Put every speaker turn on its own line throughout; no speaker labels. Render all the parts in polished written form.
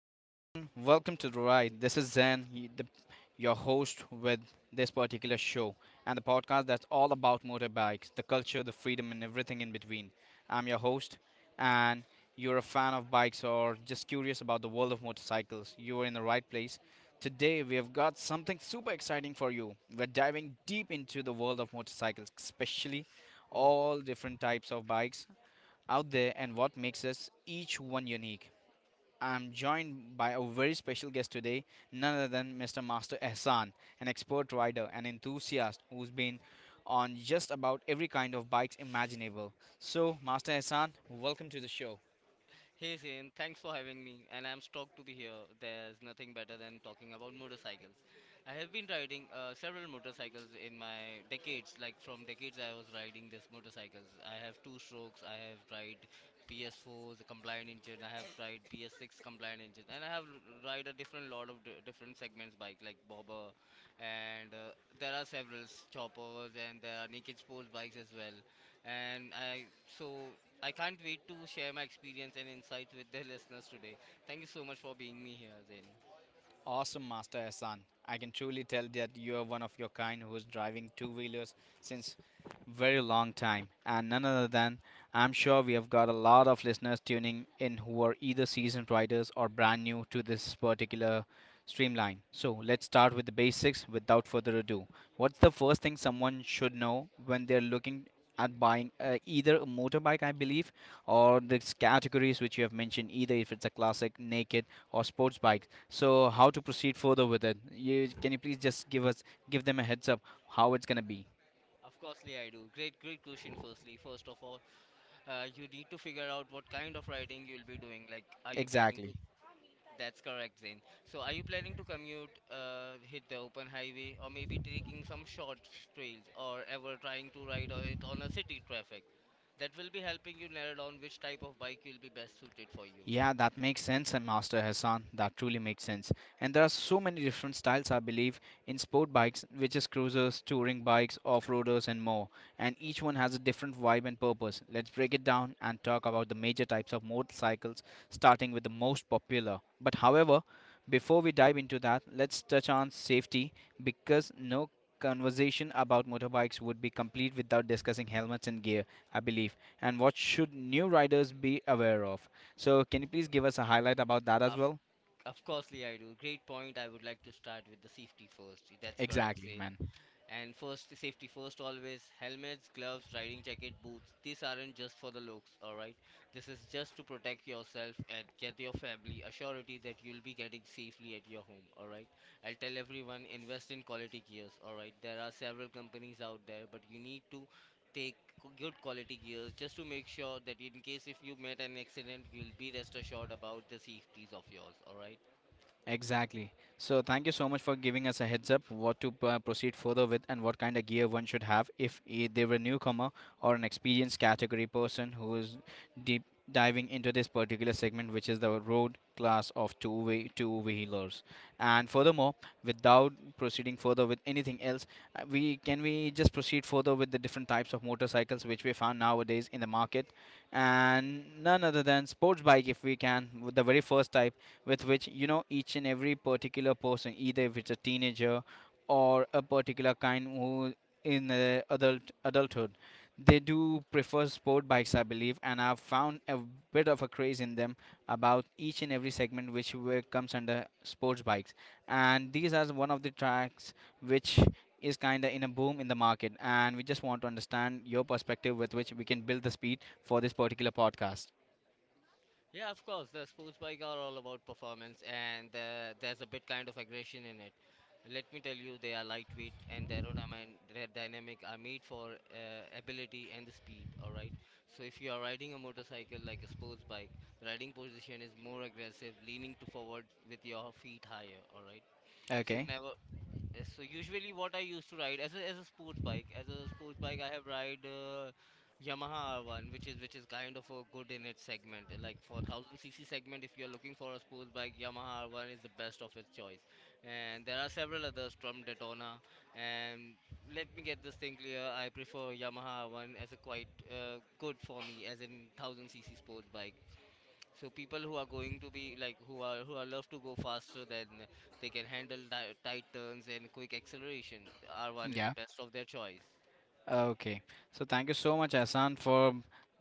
Hey everyone, welcome to The Ride. This is Zen, your host with this particular show and the podcast that's all about motorbikes, the culture, the freedom, and everything in between. I'm your host, and you're a fan of bikes or just curious about the world of motorcycles. You are in the right place. Today, we have got something super exciting for you. We're diving deep into the world of motorcycles, especially all different types of bikes out there and what makes us each one unique. I'm joined by a very special guest today, none other than Mr. Master Ehsan, an expert rider and enthusiast who's been on just about every kind of bikes imaginable. So, Master Ehsan, welcome to the show.
Hey Zane, thanks for having me, and I'm stoked to be here. There's nothing better than talking about motorcycles. I have been riding several motorcycles in my decades. Like from decades, I was riding these motorcycles. I have two strokes. I have tried PS4 's four, the compliant engine. I have tried PS6 compliant engine, and ride a different lot of different segments bike like bobber, and there are several choppers, and there are naked sports bikes as well. And I so I can't wait to share my experience and insights with the listeners today. Thank you so much for being me here, Zain.
Awesome, Master Hassan. I can truly tell that you are one of your kind who is driving two wheelers since very long time. And none other than, I'm sure we have got a lot of listeners tuning in who are either seasoned riders or brand new to this particular streamline. So let's start with the basics without further ado. What's the first thing someone should know when they're looking at buying either a motorbike, I believe, or the categories which you have mentioned, either if it's a classic, naked, or sports bike? So how to proceed further with it? Can you please just give them a heads up how it's gonna be?
Of course, Lee, I do. Great question. First of all, you need to figure out what kind of riding you'll be doing. Like, are you planning
Exactly.
to? That's correct, Zain. So, are you planning to commute, hit the open highway, or maybe taking some short trails, or ever trying to ride on a city traffic? That will be helping you narrow down which type of bike will be best suited for you.
Yeah, that makes sense, and Master Hassan, that truly makes sense. And there are so many different styles, I believe, in sport bikes, which is cruisers, touring bikes, off-roaders, and more. And each one has a different vibe and purpose. Let's break it down and talk about the major types of motorcycles, starting with the most popular. But however, before we dive into that, let's touch on safety because no conversation about motorbikes would be complete without discussing helmets and gear, I believe, and what should new riders be aware of. So can you please give us a highlight about that
Uh,
as well?
Of course, Lee, I do. Great point. I would like to start with the safety first. That's correct,
Exactly,
Zane.
man.
And first, the safety first always. Helmets, gloves, riding jacket, boots. These aren't just for the looks, alright? This is just to protect yourself and get your family a surety that you'll be getting safely at your home, alright? I'll tell everyone invest in quality gears, alright? There are several companies out there, but you need to take good quality gears just to make sure that in case if you met an accident, you'll be rest assured about the safeties of yours, all right.
Exactly. So thank you so much for giving us a heads up what to proceed further with and what kind of gear one should have if they were a newcomer or an experienced category person who is deep diving into this particular segment, which is the road class of two way two wheelers. And furthermore, without proceeding further with anything else, we just proceed further with the different types of motorcycles which we found nowadays in the market. And none other than sports bike, if we can, with the very first type with which, you know, each and every particular person, either if it's a teenager or a particular kind who in the adult adulthood, they do prefer sport bikes, I believe. And I've found a bit of a craze in them about each and every segment which comes under sports bikes, and these are one of the tracks which is kind of in a boom in the market. And we just want to understand your perspective with which we can build the speed for this particular podcast.
Yeah, of course. The sports bike are all about performance, and there's a bit kind of aggression in it. Let me tell you, they are lightweight and their aerodynamic are made for ability and the speed. All right. So if you are riding a motorcycle like a sports bike, riding position is more aggressive, leaning to forward with your feet higher. All right. So
Okay.
never So usually what I used to ride as a sports bike, as a sports bike I have ride Yamaha R1, which is kind of a good in its segment. Like for 1000 cc segment, if you're looking for a sports bike, Yamaha R1 is the best of its choice. And there are several others from Daytona. And let me get this thing clear. I prefer Yamaha R1 as a quite good for me as in 1000 cc sports bike. So people who are going to be like who are love to go faster than they can handle tight turns and quick acceleration, R1 is the best of their choice.
Okay. So thank you so much, Asan, for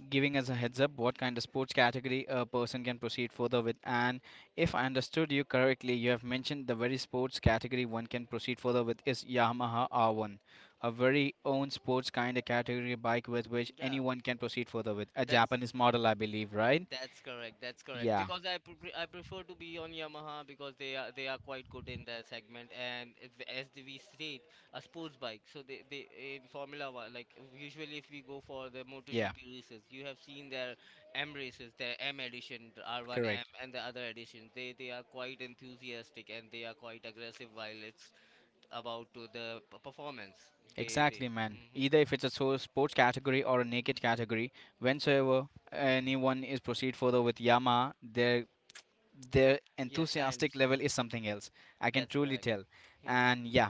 giving us a heads up what kind of sports category a person can proceed further with. And if I understood you correctly, you have mentioned the very sports category one can proceed further with is Yamaha R1, a very own sports kind of category bike with which
Yeah,
anyone can proceed further with. A
That's
Japanese model, I believe, right?
that's correct. That's correct.
Yeah.
Because I prefer to be on Yamaha because they are quite good in that segment and if- as the we state a sports bike. So they in Formula One, like usually if we go for the
Yeah.
MotoGP races, you have seen their M races, their M edition, the R1M
Correct.
and the other edition. They are quite enthusiastic and they are quite aggressive while it's about to the performance. They they.
Exactly, man.
Hmm.
Either if it's a sports category or a naked category, whensoever anyone is proceed further with Yamaha, their
Yes, I
enthusiastic level
understand.
is something else. I can
That's
truly
correct.
tell.
Hmm.
And yeah,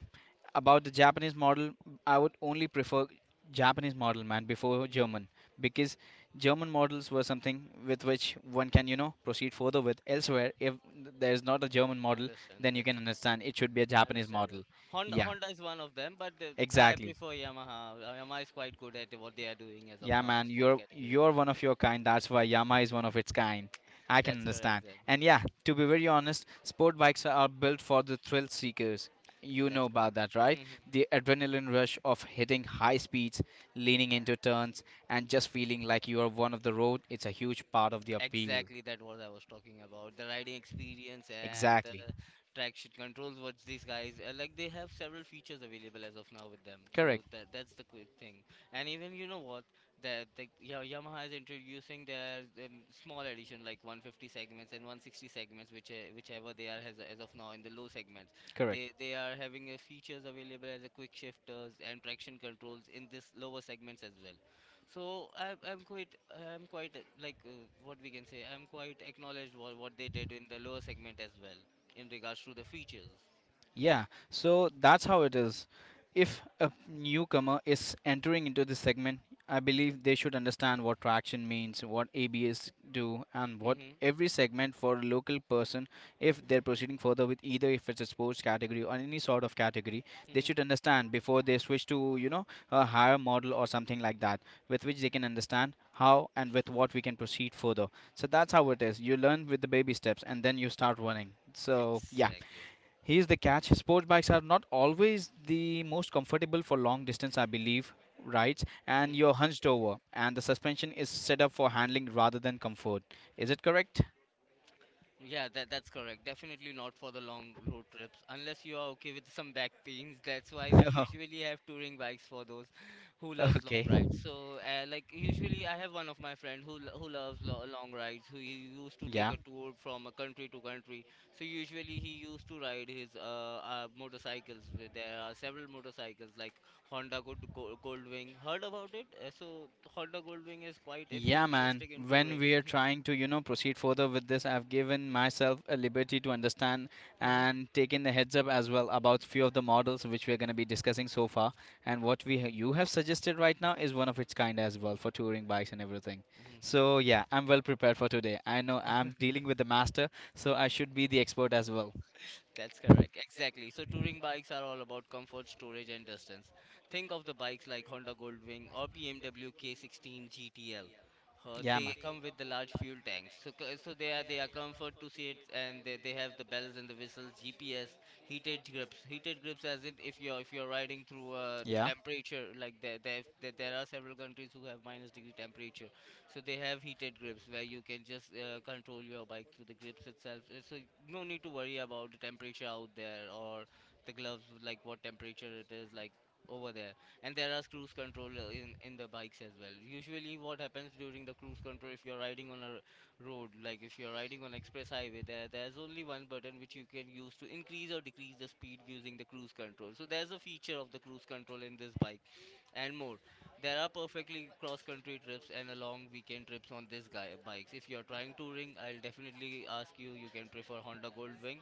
about the Japanese model, I would only prefer Japanese model, man, before
Hmm.
German, because German models were something with which one can, you know, proceed further with. Elsewhere, if there is not a German model,
Understand.
then you
That's
can understand it should be a Japanese
understand.
model.
That. Honda
Yeah,
Honda is one of them, but the, I
exactly.
prefer Yamaha. Yamaha is quite good at what they are doing as of
Yeah,
now in
man,
sport category.
you're one of your kind. That's why Yamaha is one of its kind. I can
That's correct,
understand.
then.
And yeah, to be very honest, sport bikes are built for the thrill seekers. You know
That's correct.
about that, right? The adrenaline rush of hitting high speeds, leaning into turns, and just feeling like you are one of the road. It's a huge part of the appeal.
Exactly, that what I was talking about. The riding experience and the
Exactly.
traction controls. What these guys like, they have several features available as of now with them. So
Correct.
that's the quick thing. And even you know what, that the Yamaha is introducing their small edition like 150 segments and 160 segments, which whichever they are has as of now in the low segments.
Correct.
They are having features available as a quick shifters and traction controls in this lower segments as well. So I'm quite, what we can say, I'm quite acknowledged what they did in the lower segment as well in regards to the features.
Yeah, so that's how it is. If a newcomer is entering into this segment, I believe they should understand what traction means, what ABS do, and what
Hmm.
every segment for a local person, if they're proceeding further with either if it's a sports category or any sort of category, they
Hmm.
should understand before they switch to, you know, a higher model or something like that, with which they can understand how and with what we can proceed further. So that's how it is. You learn with the baby steps and then you start running. So, yeah.
Exactly.
Here's the catch. Sport bikes are not always the most comfortable for long distance, I believe, right? And
Hmm.
you're hunched over, and the suspension is set up for handling rather than comfort. Is it correct?
Yeah, that's correct. Definitely not for the long road trips, unless you are okay with some back pains. That's why we usually have touring bikes for those who loves long
okay.
rides. So, like usually, I have one of my friend who who loves lo long rides. Who he used to take
Yeah.
a tour from a country to country. So usually he used to ride his motorcycles. There are several motorcycles like Honda Goldwing. Heard about it? So Honda Goldwing is quite
Yeah, man.
enthusiastic in
When
touring.
we are trying to, you know, proceed further with this, I've given myself a liberty to understand
Mhm.
and taken the heads up as well about few of the models which we're going to be discussing so far. And what we you have suggested right now is one of its kind as well for touring bikes and everything. So yeah, I'm well prepared for today. I know I'm dealing with the master, so I should be the expert as well.
That's correct. Exactly. So touring bikes are all about comfort, storage and distance. Think of the bikes like Honda Goldwing or BMW K16 GTL.
Yeah, man.
They come with the large fuel tanks. So they are comfort to see it, and they have the bells and the whistles, GPS, heated grips. Heated grips as in if you're riding through a
Yeah.
temperature, like there there are several countries who have minus degree temperature, so they have heated grips where you can just control your bike through the grips itself. So no need to worry about the temperature out there, or the gloves, like what temperature it is like over there. And there are cruise control in the bikes as well. Usually what happens during the cruise control, if you're riding on a road, like if you're riding on express highway, there's only one button which you can use to increase or decrease the speed using the cruise control. So there's a feature of the cruise control in this bike, and more. There are perfectly cross-country trips and a long weekend trips on this guy bikes. If you're trying touring, I'll definitely ask you. You can prefer Honda Goldwing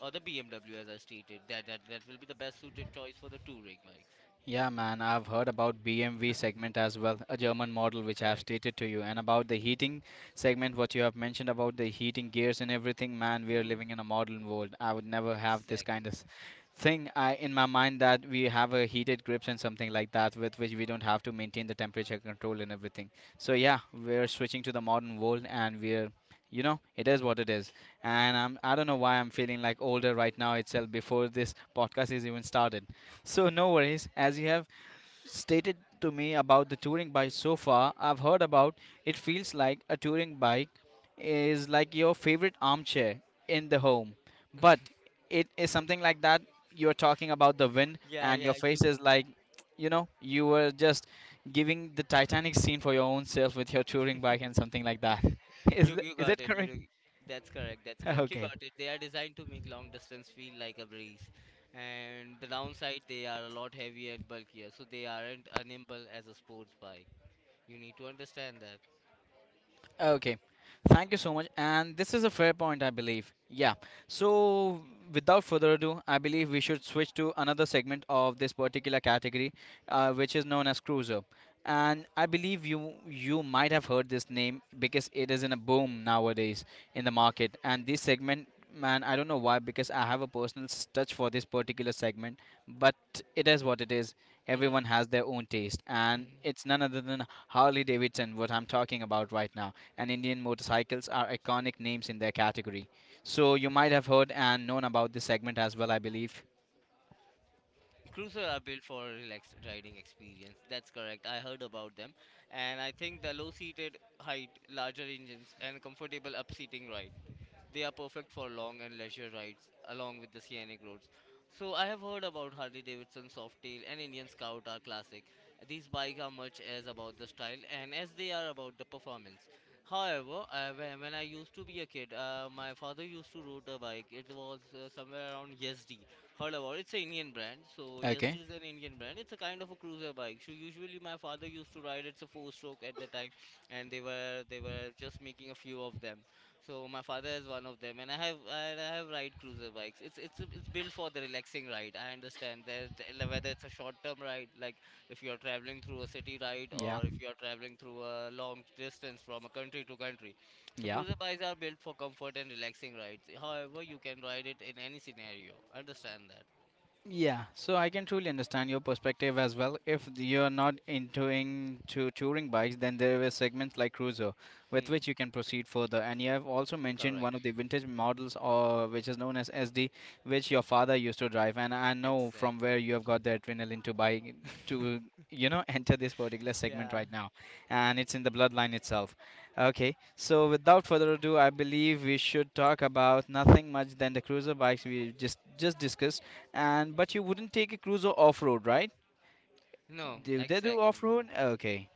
or the BMW, as I stated. That will be the best suited choice for the touring bikes.
Yeah, man, I've heard about BMW segment as well, a German model which I've
Correct.
stated to you, and about the heating segment, what you have mentioned about the heating gears and everything. Man, we are
Hmm.
living in a modern world. I would never have this kind of
Exactly.
thing I, in my mind, that we have a heated grips and something like that with which we don't have to maintain the temperature control and everything. So yeah, we're switching to the modern world, and we're, you know, it is what it is. And I'm, I don't know why I'm feeling like older right now itself before this podcast is even started. So no worries, as you have stated to me about the touring bike so far, I've heard about it. Feels like a touring bike is like your favorite armchair in the home. But it is something like that. You're talking about the wind
Yeah.
and your
Yeah. You.
face is like, you know, you were just giving the Titanic scene for your own self with your touring bike and something like that. Is
You you
is
got
it
it. You
correct?
know, that's correct. That's correct. You
okay.
got it. They are designed to make long distance feel like a breeze, and the downside, they are a lot heavier and bulkier, so they aren't as nimble as a sports bike. You need to understand that.
Okay, thank you so much. And this is a fair point, I believe. Yeah. So, without further ado, I believe we should switch to another segment of this particular category, which is known as cruiser. And I believe you might have heard this name because it is in a boom nowadays in the
Hmm.
market. And this segment, man, I don't know why, because I have a personal touch for this particular segment. But it is what it is. Everyone has their own taste, and
Hmm.
it's none other than Harley Davidson, what I'm talking about right now, and Indian motorcycles are iconic names in their category. So you might have heard and known about this segment as well, I believe.
Cruiser are built for relaxed riding experience. That's correct. I heard about them, and I think the low-seated height, larger engines, and comfortable upseating ride. They are perfect for long and leisure rides along with the scenic roads. So I have heard about Harley Davidson Softail and Indian Scout are classic. These bikes are much as about the style and as they are about the performance. However, I, when I used to be a kid, my father used to ride a bike. It was somewhere around Yazdi. Heard about it. It's an Indian brand. So
Okay,
Yazdi is an Indian brand. It's a kind of a cruiser bike. So usually my father used to ride. It's a four-stroke at the time, and they were just making a few of them. So my father is one of them, and I have ride cruiser bikes. It's built for the relaxing ride. I understand that the- whether it's a short term ride, like if you are traveling through a city ride,
yeah,
or if you are traveling through a long distance from a country to country. So
yeah.
cruiser bikes are built for comfort and relaxing rides. However, you can ride it in any scenario. Understand that?
Yeah, so I can truly understand your perspective as well. If you're not into touring bikes, then there are segments like cruiser, with
Hmm.
which you can proceed further. And you have also mentioned one of the
Correct.
vintage models, or which is known as SD, which your father used to drive. And I know from where
Exactly.
you have got the adrenaline to, you know, enter this particular segment
Yeah.
right now, and it's in the bloodline itself. Okay, so without further ado, I believe we should talk about nothing much than the cruiser bikes we just discussed. And but you wouldn't take a cruiser off road, right? No,
No,
do they do right.
exactly
Off
no.
road? Okay.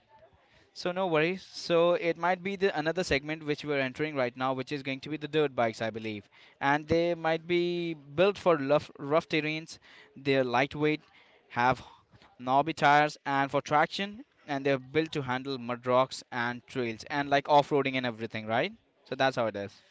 So no worries. So it might be the another segment which we're entering right now, which is going to be the dirt bikes, I believe. And they might be built for rough, rough terrains. They're lightweight, have knobby tires, and for traction. And they're built to handle mud rocks and trails and like off roading and everything, right? So that's how it is.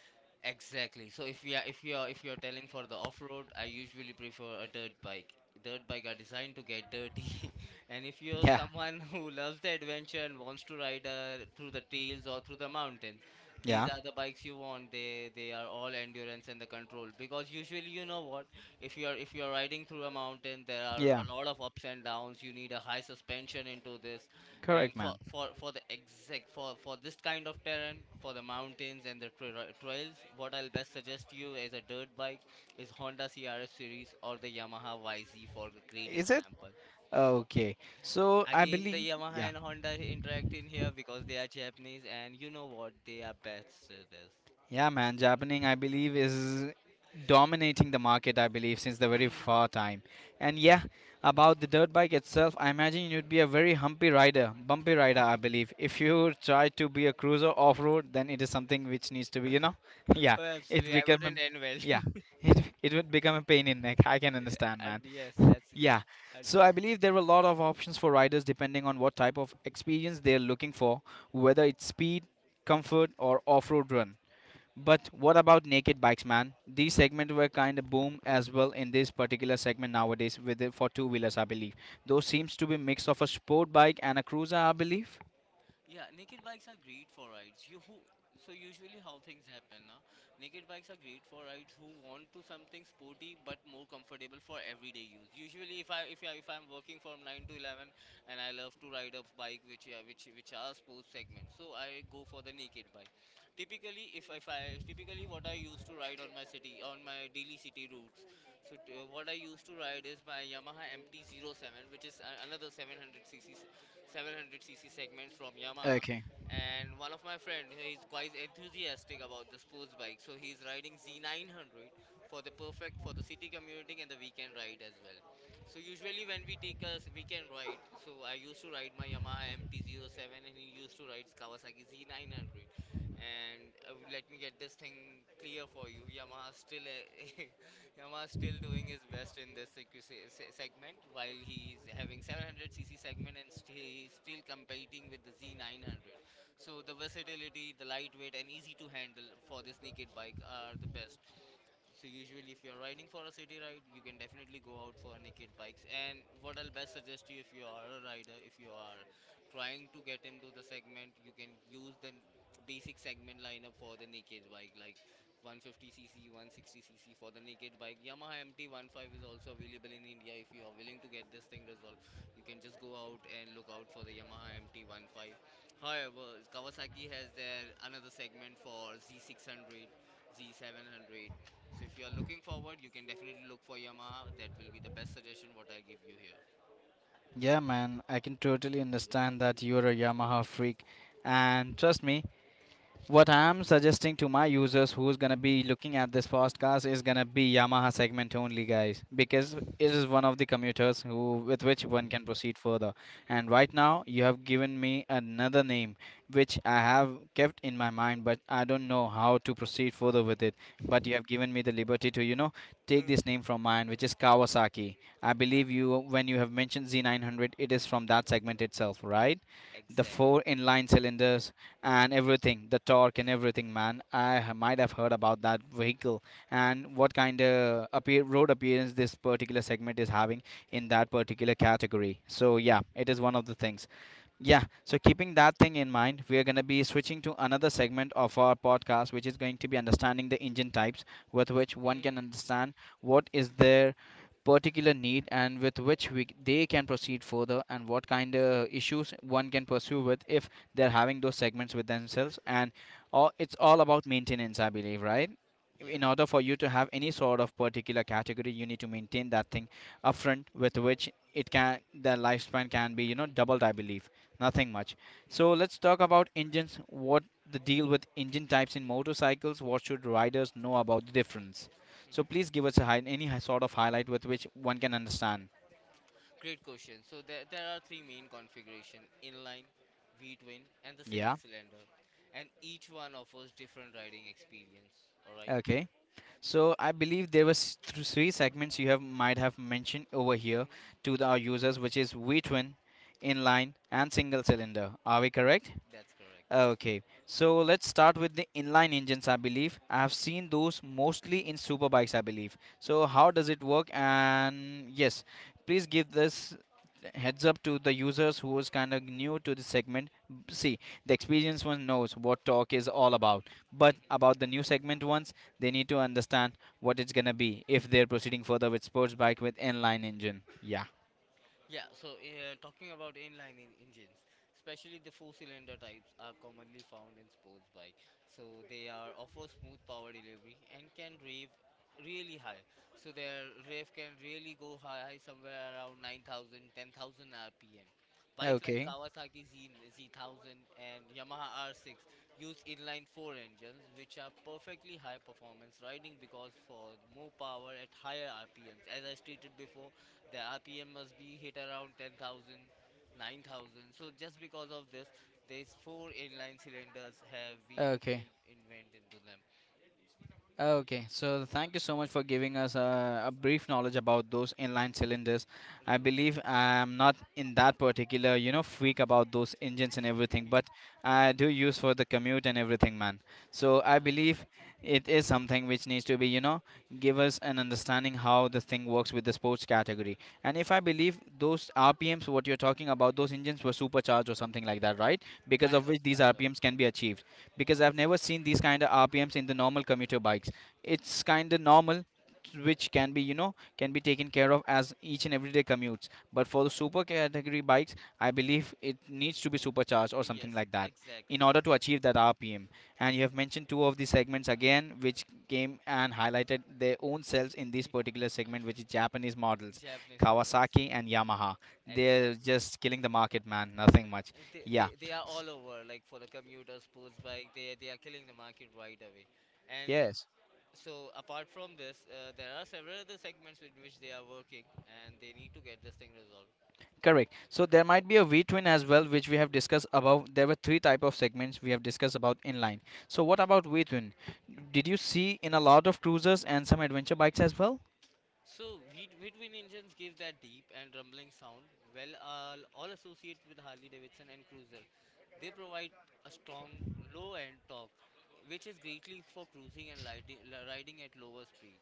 Exactly. So if we are if you are if you're telling for the off-road, I usually prefer a dirt bike. Dirt bike are designed to get dirty, and if you're
Yeah,
someone who loves the adventure and wants to ride through the trails or through the mountains, these
yeah.
are the bikes you want. They are all endurance and the control, because usually you know what, if you're riding through a mountain, there are
Yeah,
a lot of ups and downs. You need a high suspension into this, and
correct,
for
man.
for for the exact for for this kind of terrain, for the mountains and the trails, what I'll best suggest you as a dirt bike is Honda CRF series or the Yamaha YZ for a great
Is it?
example.
Okay. So I
Again, the
believe,
Yamaha
yeah,
and Honda interact in here because they are Japanese and you know what, they are best at this.
yeah, man. Japaning, I believe, is dominating the market. I believe since the very far time. And yeah, about the dirt bike itself, I imagine you'd be a very humpy rider, bumpy rider. I believe if you try to be a cruiser off road, then it is something which needs to be, yeah,
Oh
it
absolutely, I
become a,
wouldn't end well.
yeah, it would become a pain in neck. I can understand,
And
man.
yes, that's good.
Yeah.
And
So I believe there are a lot of options for riders depending on what type of experience they're looking for, whether it's speed, comfort, or off road run. But what about naked bikes, man? These segments were kind of boom as well in this particular segment nowadays with it for two wheelers, I believe. Those seems to be mix of a sport bike and a cruiser, I believe.
Yeah, naked bikes are great for rides. You who so usually how things happen, na? Naked bikes are great for rides who want to something sporty but more comfortable for everyday use. Usually, if I'm working from 9 to 11, and I love to ride a bike which are sports segment, so I go for the naked bike. Typically, if I typically what I used to ride on my city on my daily city routes, so what I used to ride is my Yamaha MT-07, which is another 700cc 700cc segments from Yamaha.
Okay.
And one of my friend, he's quite enthusiastic about the sports bike, so he's riding Z900 for the perfect for the city commuting and the weekend ride as well. So usually when we take a weekend ride, so I used to ride my Yamaha mt 07, and he used to ride Kawasaki Z900. And let me get this thing clear for you, Yamaha still Yamaha is still doing his best in this CQC segment while he is having 700cc segment and still he's still competing with the Z900. So the versatility, the lightweight and easy to handle for this naked bike are the best. So usually if you're riding for a city ride, you can definitely go out for naked bikes. And what I'll best suggest you if you are a rider, if you are trying to get into the segment, you can use the basic segment lineup for the naked bike like 150cc, 160cc for the naked bike. Yamaha MT-15 is also available in India. If you are willing to get this thing resolved, you can just go out and look out for the Yamaha MT-15. However, Kawasaki has their another segment for Z600, Z700. So if you are looking forward, you can definitely look for Yamaha. That will be the best suggestion what I give you here.
Yeah, man, I can totally understand that you're a Yamaha freak. And trust me, what I'm suggesting to my users who's gonna be looking at this podcast is gonna be Yamaha segment only, guys, because it
Yeah.
is one of the commuters who with which one can proceed further. And right now, you have given me another name which I have kept in my mind, but I don't know how to proceed further with it. But you have given me the liberty to, take
Hmm.
this name from mine, which is
Ah,
Kawasaki. I believe you when you have mentioned Z900, it is from that segment itself, right? The
exactly.
four inline cylinders and everything, the torque and everything, man. Might have heard about that vehicle and what kind of road appearance this particular segment is having in that particular category. So yeah, it is one of the things. Yeah, so keeping that thing in mind, we are going to be switching to another segment of our podcast, which is going to be understanding the engine types with which
Hmm, hmm,
one can
hmm, hmm, hmm.
understand what is their particular need and with which they can proceed further and what kind of issues one can pursue with if they're having those segments with themselves. And all, it's all about maintenance, I believe, right?
Yeah.
In order for you to have any sort of particular category you need to maintain that thing
thing
upfront with which it can the lifespan can be, you know, doubled, I believe. Nothing much.
Mhm. Mhm.
So let's talk about engines. What the deal with engine types in motorcycles? What should riders know about the difference?
let's talk about
So please
engines
give us a
so Mhm.
high, sort of highlight with which one can understand.
Great question. So there are three main configuration: inline, V-twin, and the single
Yeah.
cylinder, and each one offers different riding experience. All right.
Okay. So I believe there was three segments you have might have mentioned over here
Hmm.
to our users, which is V twin, inline, and single cylinder. Are we correct?
That's correct.
Okay, so let's start with the inline engines, I believe. I have seen those mostly in super bikes, I believe. So, how does it work? And yes, please give this heads up to the users who is kind of new to the segment. See, the experienced one knows what talk is all about, but about the new segment ones, they need to understand what it's gonna be if they're proceeding further with sports bike with inline engine. Yeah.
Yeah, so talking about inline engines, especially the four-cylinder types are commonly found in sports bike. So they are offer smooth power delivery and can rev really high. So their rev can really go high somewhere around 9,000, 10,000 RPM. Bikes like
Okay.
Z1000 and Yamaha R6 use inline 4 engines, which are perfectly high performance riding because for more power at higher RPMs. As I stated before, the rpm must be hit around 10,000, 9,000. So just because of this, these four inline cylinders have been
Okay.
invented into them
Okay, so thank you so much for giving us a brief knowledge about those inline cylinders. I
really basically.
believe I'm not in that particular, you know, freak about those engines and everything, but I do use for the commute and everything, man.
So
So I believe
Uh,
it is something which needs to be, you know, give us an understanding how the thing works with the sports category. And if I believe those RPMs, what you're talking about, those engines were supercharged or something like that, right? Because
kind
of
of
which these
kind of.
RPMs can be achieved, because I've
Exactly.
never seen these kind of RPMs in the normal commuter bikes. It's kind of normal which can be, you know, can be taken care of as each and everyday commutes, but for the super category bikes I believe it needs to be supercharged or something
Yes,
like that
like that exactly.
in order to achieve that RPM.
Mhm.
And you have mentioned two of the segments again which came and highlighted their own selves in this particular segment, which is Japanese models,
Japanese models.
Kawasaki and Yamaha. They're
Exactly.
just killing the market,
much.
man, nothing much.
They, Yeah.
Yeah.
They are all over like for the commuter sports bike they are killing the market right away and
Yes.
so apart from this there are several other segments in which they are working and they need to get this thing resolved.
Correct. So there might be a V twin as well, which we have discussed above. There were three type of segments we have discussed about inline. So what about V twin? Did you see in a lot of cruisers and some adventure bikes as well?
So, wheat engines give that deep and rumbling sound, all associated with Harley Davidson and Cruiser. They provide a strong low end torque, which is greatly for cruising and riding at lower speed.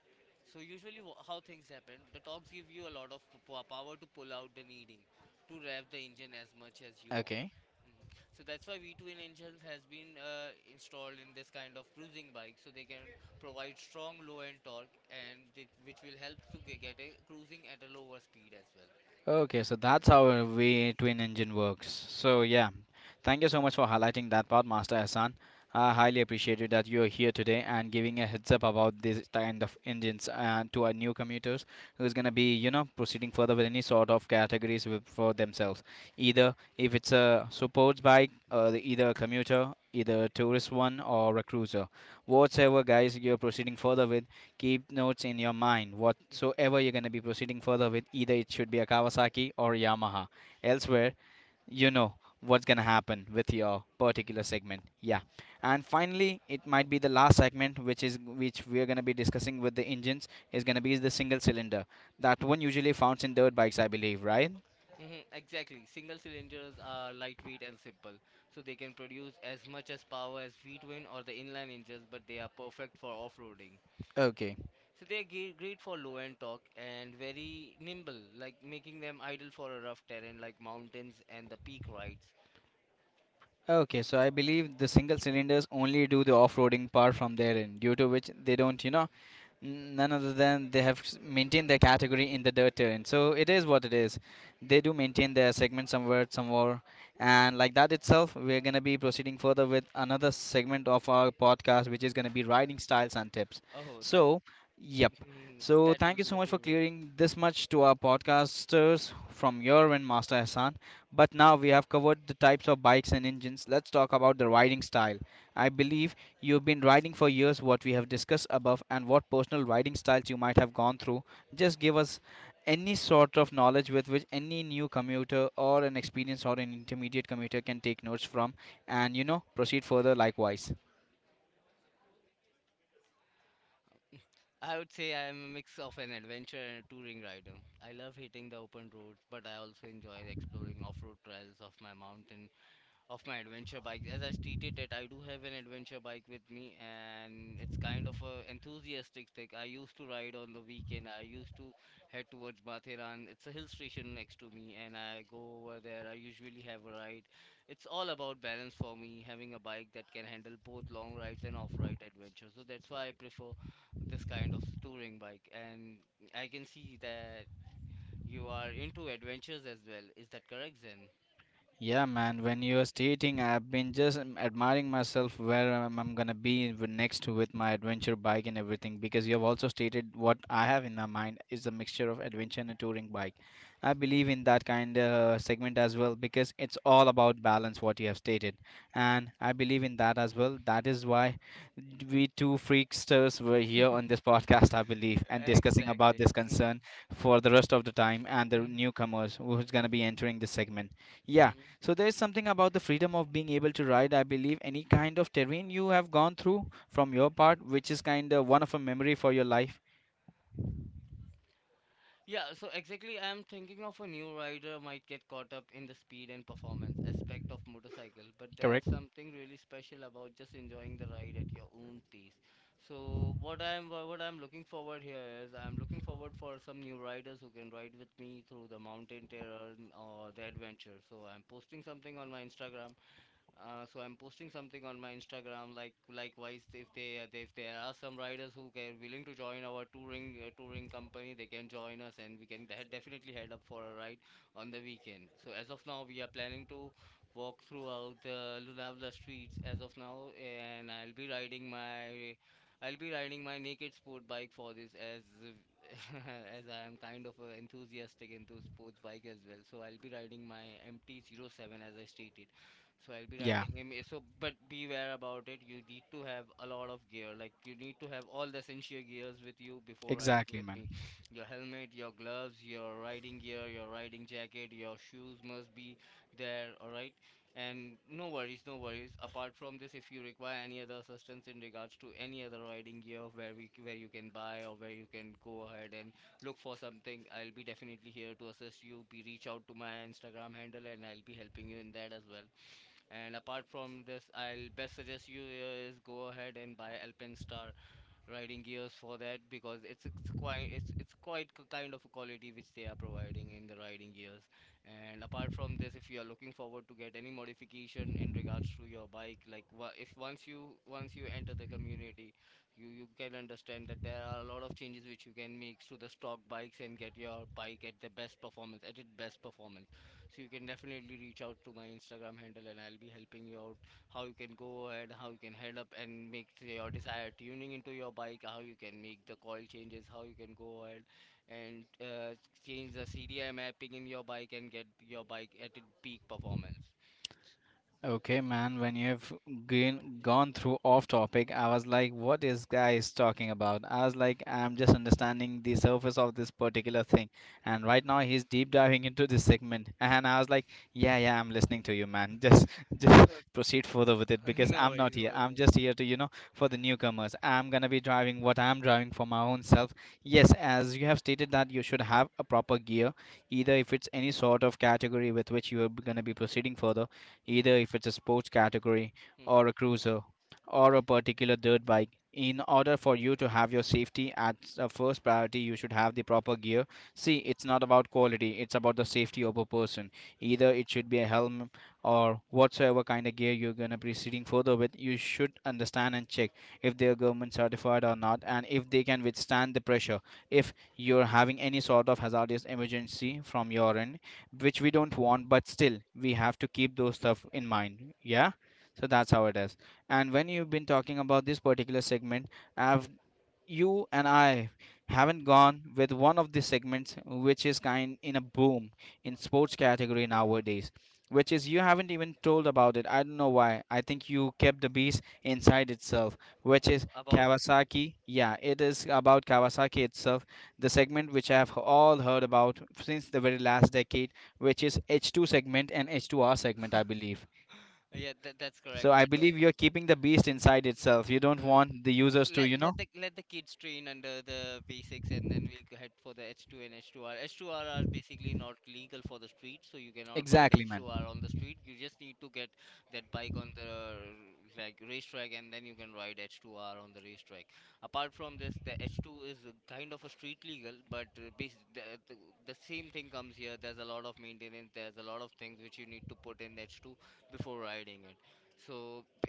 So, usually, how things happen, the torques give you a lot of power to pull out the needing to rev the engine as much as you want.
Okay.
Mhm. So that's why v twin engines has been installed in this kind of cruising bike, so they can provide strong low end torque and which will help to get a cruising at a lower speed as well.
Okay, so that's how a V twin engine works. So
Mhm.
yeah, thank you so much for highlighting that part, Master Hassan. I highly appreciate it that you're here today and giving a heads up about this kind of engines and to our new commuters who's gonna be, you know, proceeding further with any sort of categories with, for themselves. Either if it's a sports bike, either a commuter, either a tourist one or a cruiser. Whatever guys you're proceeding further with, keep notes in your mind whatsoever you're going to be proceeding further with, either it should be a Kawasaki or Yamaha elsewhere, you know, what's going to happen with your
Mhm.
particular segment. Yeah. And finally it might be the last segment, which we are going to be discussing with the engines, is going to be the single cylinder, that one usually found in dirt bikes, I believe, right?
Mhm, exactly. Single cylinders are lightweight and simple, so they can produce as much as power as V twin or the inline engines, but they are perfect for off roading.
Okay.
So they're great for low end talk and very nimble, like making them ideal for a rough terrain like mountains and the peak rides.
Okay, so I believe the single cylinders only do the off-roading part from their end, due to which they don't, you know, none other than they have maintained their category in the dirt terrain. So it is
Mhm.
what it is. They do maintain their segment somewhere, somewhere, and like that itself, we're gonna be proceeding further with another segment of our podcast, which is gonna be riding styles and tips.
Oh, that,
So, yep. So
that
thank
will
you
be
so
the
much for
favorite.
clearing this much to our podcasters from your end, Master Hassan. But now we have covered the types of bikes and engines. Let's talk about the riding style. I believe you've been riding for years what we have discussed above and what personal riding styles you might have gone through. Just give us any sort of knowledge with which any new commuter or an experienced or an intermediate commuter can take notes from, and you know, proceed further likewise.
I would say I am a mix of an adventure and a touring rider. I love hitting the open roads, but I also enjoy exploring off road trails of my mountain of my adventure bike. As I stated that I do have an adventure bike with me and it's kind of a enthusiastic thing. I used to ride on the weekend. I used to head towards Mathiran. It's a hill station next to me and I go over there. I usually have a ride. It's all about balance for me, having a bike that can handle both long rides and off-ride adventures. So that's why I prefer this kind of touring bike. And I can see that you are into adventures as well. Is that correct, Zen?
Yeah, man. When you are stating, I've been just admiring myself where I'm gonna be next with my adventure bike and everything. Because you have also stated what I have in my mind is a mixture of adventure and a touring bike. I believe in that kind of segment as well because it's all about balance, what you have stated, and I believe in that as well. That is why we two freaksters were here on this podcast, I believe, and discussing about
Exactly.
this
Mhm.
concern for the rest of the time and the
Mhm.
newcomers who's gonna be entering this segment. Yeah,
Mhm.
so there is something about the freedom of being able to ride, I believe, any kind of terrain you have gone through from your part, which is kind of one of a memory for your life.
Yeah, so exactly, I'm thinking of a new rider might get caught up in the speed and performance aspect of motorcycle, but there's
Correct?
something really special about just enjoying the ride at your own pace. So what I'm looking forward here is I'm looking forward for some new riders who can ride with me through the mountain terrain or the adventure. So I'm posting something on my Instagram. So I'm posting something on my Instagram. Like likewise, if there are some riders who are willing to join our touring company, they can join us, and we can definitely head up for a ride on the weekend. So as of now, we are planning to walk throughout the Lonavala streets as of now, and I'll be riding my I'll be riding my naked sport bike for this as as I am kind of enthusiastic into sports bike as well. So I'll be riding my mt Zero Seven, as I stated. So I'll be
Yeah,
riding him but beware about it. You need to have a lot of gear, like you need to have all the essential gears with you before riding
exactly,
with
man.
me. Your helmet, your gloves, your riding gear, your riding jacket, your shoes must be there, all right? And no worries. Apart from this, if you require any other assistance in regards to any other riding gear, where we where you can buy or where you can go ahead and look for something, I'll be definitely here to assist you. Be Reach out to my Instagram handle and I'll be helping you in that as well. And apart from this, I'll best suggest you is go ahead and buy Alpine Star riding gears for that, because it's quite kind of a quality which they are providing in the riding gears. And apart from this, if you are looking forward to get any modification in regards to your bike, like if once you enter the community, you can understand that there are a lot of changes which you can make to the stock bikes and get your bike at the best performance, at its best performance. So you can definitely reach out to my Instagram handle and I'll be helping you out how you can go ahead, how you can head up and make your desired tuning into your bike, how you can make the coil changes, how you can go ahead and change the CDI mapping in your bike and get your bike at its peak performance.
Okay, man, when you have gone through off topic, I was like, what is guys talking about? I was like, I'm just understanding the surface of this particular thing. And right now
Mhm.
he's deep diving into this segment. And I was like, yeah, yeah, I'm listening to you, man. Just
Uh,
just proceed further with it because
no
I'm
worries,
not
no
here. I'm
worries.
just here to, you know, for the newcomers. I'm gonna be driving what I'm driving for my own self. Yes, as you have stated that you should have a proper gear, either if it's any sort of category with which you are gonna be proceeding further, either if it's a
Mm-hmm.
sports category
Mm-hmm.
or a cruiser or a particular dirt bike. In order for you to have your safety as a first priority, you should have the proper gear. See, it's not about quality, it's about the safety of a person.
Mm-hmm.
Either it should be a helm or whatsoever kind of gear you're going to proceeding further with, you should understand and check if they're government certified or not and if they can withstand the pressure. If you're having any sort of hazardous emergency from your end, which we don't want, but still we have to keep those stuff in mind. Yeah, so that's how it is. And when you've been talking about this particular segment, I've you and I haven't gone with one of the segments which is kind in a boom in sports category nowadays, which is you haven't even told about it. I don't know why. I think you kept the beast inside itself, which is Kawasaki. Yeah, it is about Kawasaki itself, the segment which I have all heard about since the very last decade, which is H2 segment and H2R segment, I believe.
Yeah, that's correct.
So I
But uh, n-
believe you're keeping the beast inside itself. You don't
uh,
want the users to,
let
you know.
let the let the kids train under the basics, and then we'll go head for the H2 and H2R. H2R are basically not legal for the street, so you cannot ride
Exactly, man.
H2R on the street. You just need to get that bike on the like racetrack, and then you can ride H2R on the racetrack. Apart from this, the H2 is kind of a street legal, but the the same thing comes here. There's a lot of maintenance. There's a lot of things which you need to put in H2 before riding it. So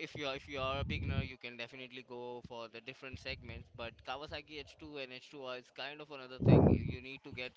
if you are a beginner, you can definitely go for the different segments, but Kawasaki H2 and H2R is kind of another thing. You need to get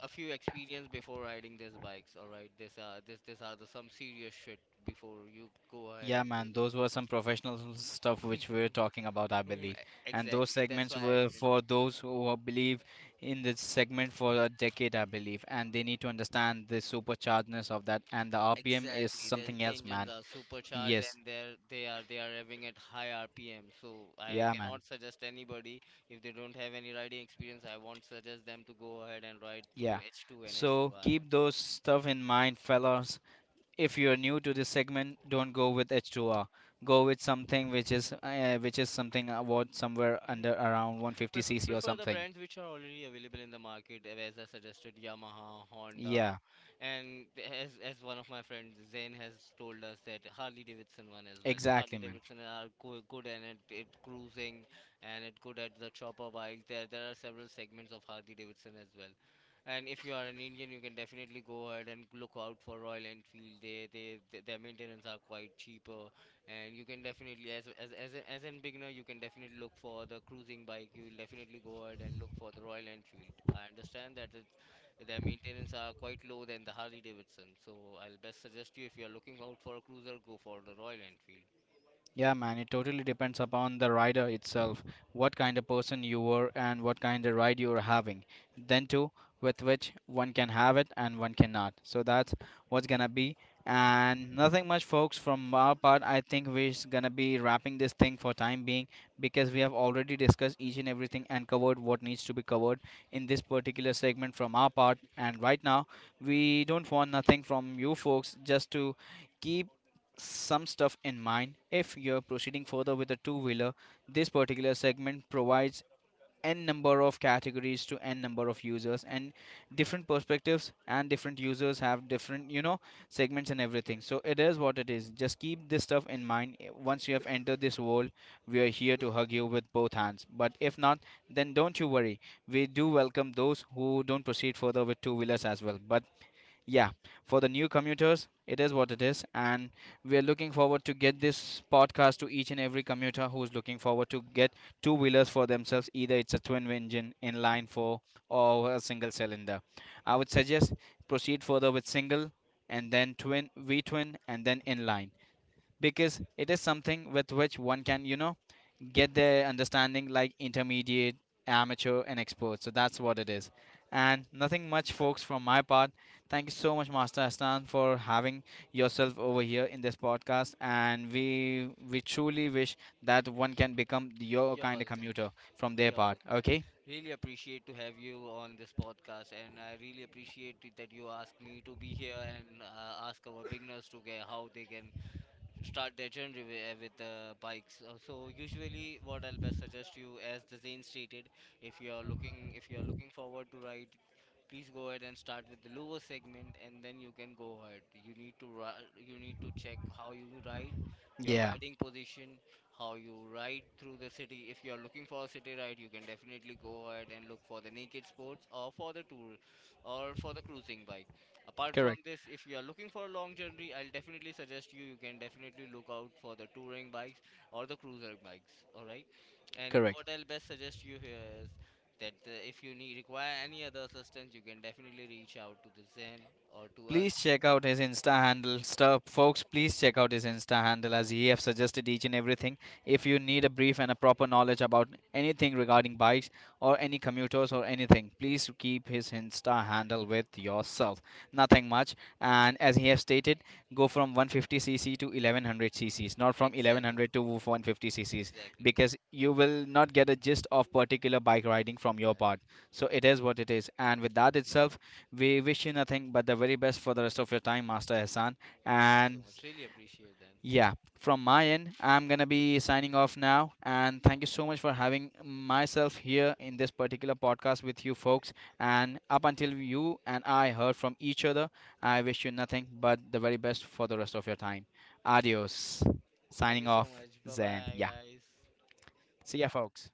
a few experience before riding these bikes, all right? This are the some serious shit before you go ahead
Yeah,
and do
man,
some.
those were some professional stuff which we were talking about, I believe. And those
Exactly. That's
segments
why I
were
didn't.
for those who are- believe in this segment for a decade, I believe. And they need to understand the superchargedness of that. And the RPM is
Exactly. The,
something
the
else,
engines
man.
are supercharged
Yes.
and they are revving at high RPM. So I
Yeah, man.
cannot suggest anybody if they don't have any riding experience. I won't suggest them to go ahead and ride through
Yeah.
H2 and
So
H2R.
keep those stuff in mind, fellas. If you're new to this segment, don't go with H2R. Go with something which is something about somewhere
Mhm.
under around 150 cc or
Prefer the
something.
brands which are already available in the market, as I suggested, Yamaha, Honda,
Yeah,
and as one of my friends, Zain, has told us that Harley Davidson one as well. Harley
exactly, man.
Davidson are go good and it cruising and it good at the chopper bike. There are several segments of Harley Davidson as well. And if you are an Indian, you can definitely go ahead and look out for Royal Enfield. Their maintenance are quite cheaper, and you can definitely as a beginner, you can definitely look for the cruising bike. You will definitely go ahead and look for the Royal Enfield. I understand that their maintenance are quite low than the Harley Davidson. So I'll best suggest you, if you are looking out for a cruiser, go for the Royal Enfield.
Yeah, man, it totally depends upon the rider itself, what kind of person you were and what kind of ride you are having. Then too, with which one can have it and one cannot. So that's what's gonna be. And nothing much, folks. From our part, I think we're just gonna be wrapping this thing for time being because we have already discussed each and everything and covered what needs to be covered in this particular segment from our part. And right now, we don't want nothing from you folks, just to keep some stuff in mind. If you're proceeding further with a two wheeler, this particular segment provides n number of categories to n number of users and different perspectives and different users have different segments and everything. So it is what it is, just keep this stuff in mind. Eh, once you have entered this world, we are here to hug you with both hands, but if not, then don't you worry. We do welcome those who don't proceed further with two wheelers as well, but yeah, for the new commuters it is what it is. And we are looking forward to get this podcast to each and every commuter who's looking forward to get two wheelers for themselves, either it's a twin engine in line 4 or a single cylinder. I would suggest proceed further with single and then twin, v twin, and then inline, because it is something with which one can get their understanding like intermediate, amateur, and expert. So that's what it is. And nothing much, folks, from my part. Thank you so much, Master Astan, for having yourself over here in this podcast, and we truly wish that one can become your
You're
kind of
welcome.
commuter from their
You're
part.
welcome.
Okay.
Really appreciate to have you on this podcast and I really appreciate it that you asked me to be here and ask our beginners to get how they can start their journey with the bikes. So usually, what I'll best suggest you, as the Zane stated, if you are looking forward to ride, please go ahead and start with the lower segment, and then you can go ahead. You need to you need to check how you ride, your
Yeah.
riding position, how you ride through the city. If you are looking for a city ride, you can definitely go ahead and look for the naked sports or for the tour or for the cruising bike. Apart from
Correct.
this, if you are looking for a long journey, I'll definitely suggest you can definitely look out for the touring bikes or the cruiser bikes. All right. And
Correct.
what I'll best suggest you here is that if you need require any other assistance, you can definitely reach out to the Zen or to us.
Please check out his Insta handle. Stuff, folks, please check out his Insta handle as he have suggested each and everything. If you need a brief and a proper knowledge about anything regarding bikes or any commuters or anything, please keep his Insta handle with yourself. Nothing much. And as he have stated, go from 150 cc to 1100 cc's, not from
Exactly.
1100 to 150 cc's,
Exactly.
because you will not get a gist of particular bike riding from your
Yes.
part. So it is what it is. And with that itself, we wish you nothing but the very best for the rest of your time, Master Hassan.
Thank you so
And
much, really appreciate that.
yeah, from my end, I'm gonna be signing off now. And thank you so much for having myself here in this particular podcast with you folks. And up until you and I heard from each other, I wish you nothing but the very best for the rest of your time. Adios.
Thank you
Signing
so
off,
much, bye
Zen.
bye
Yeah.
guys.
See ya, folks.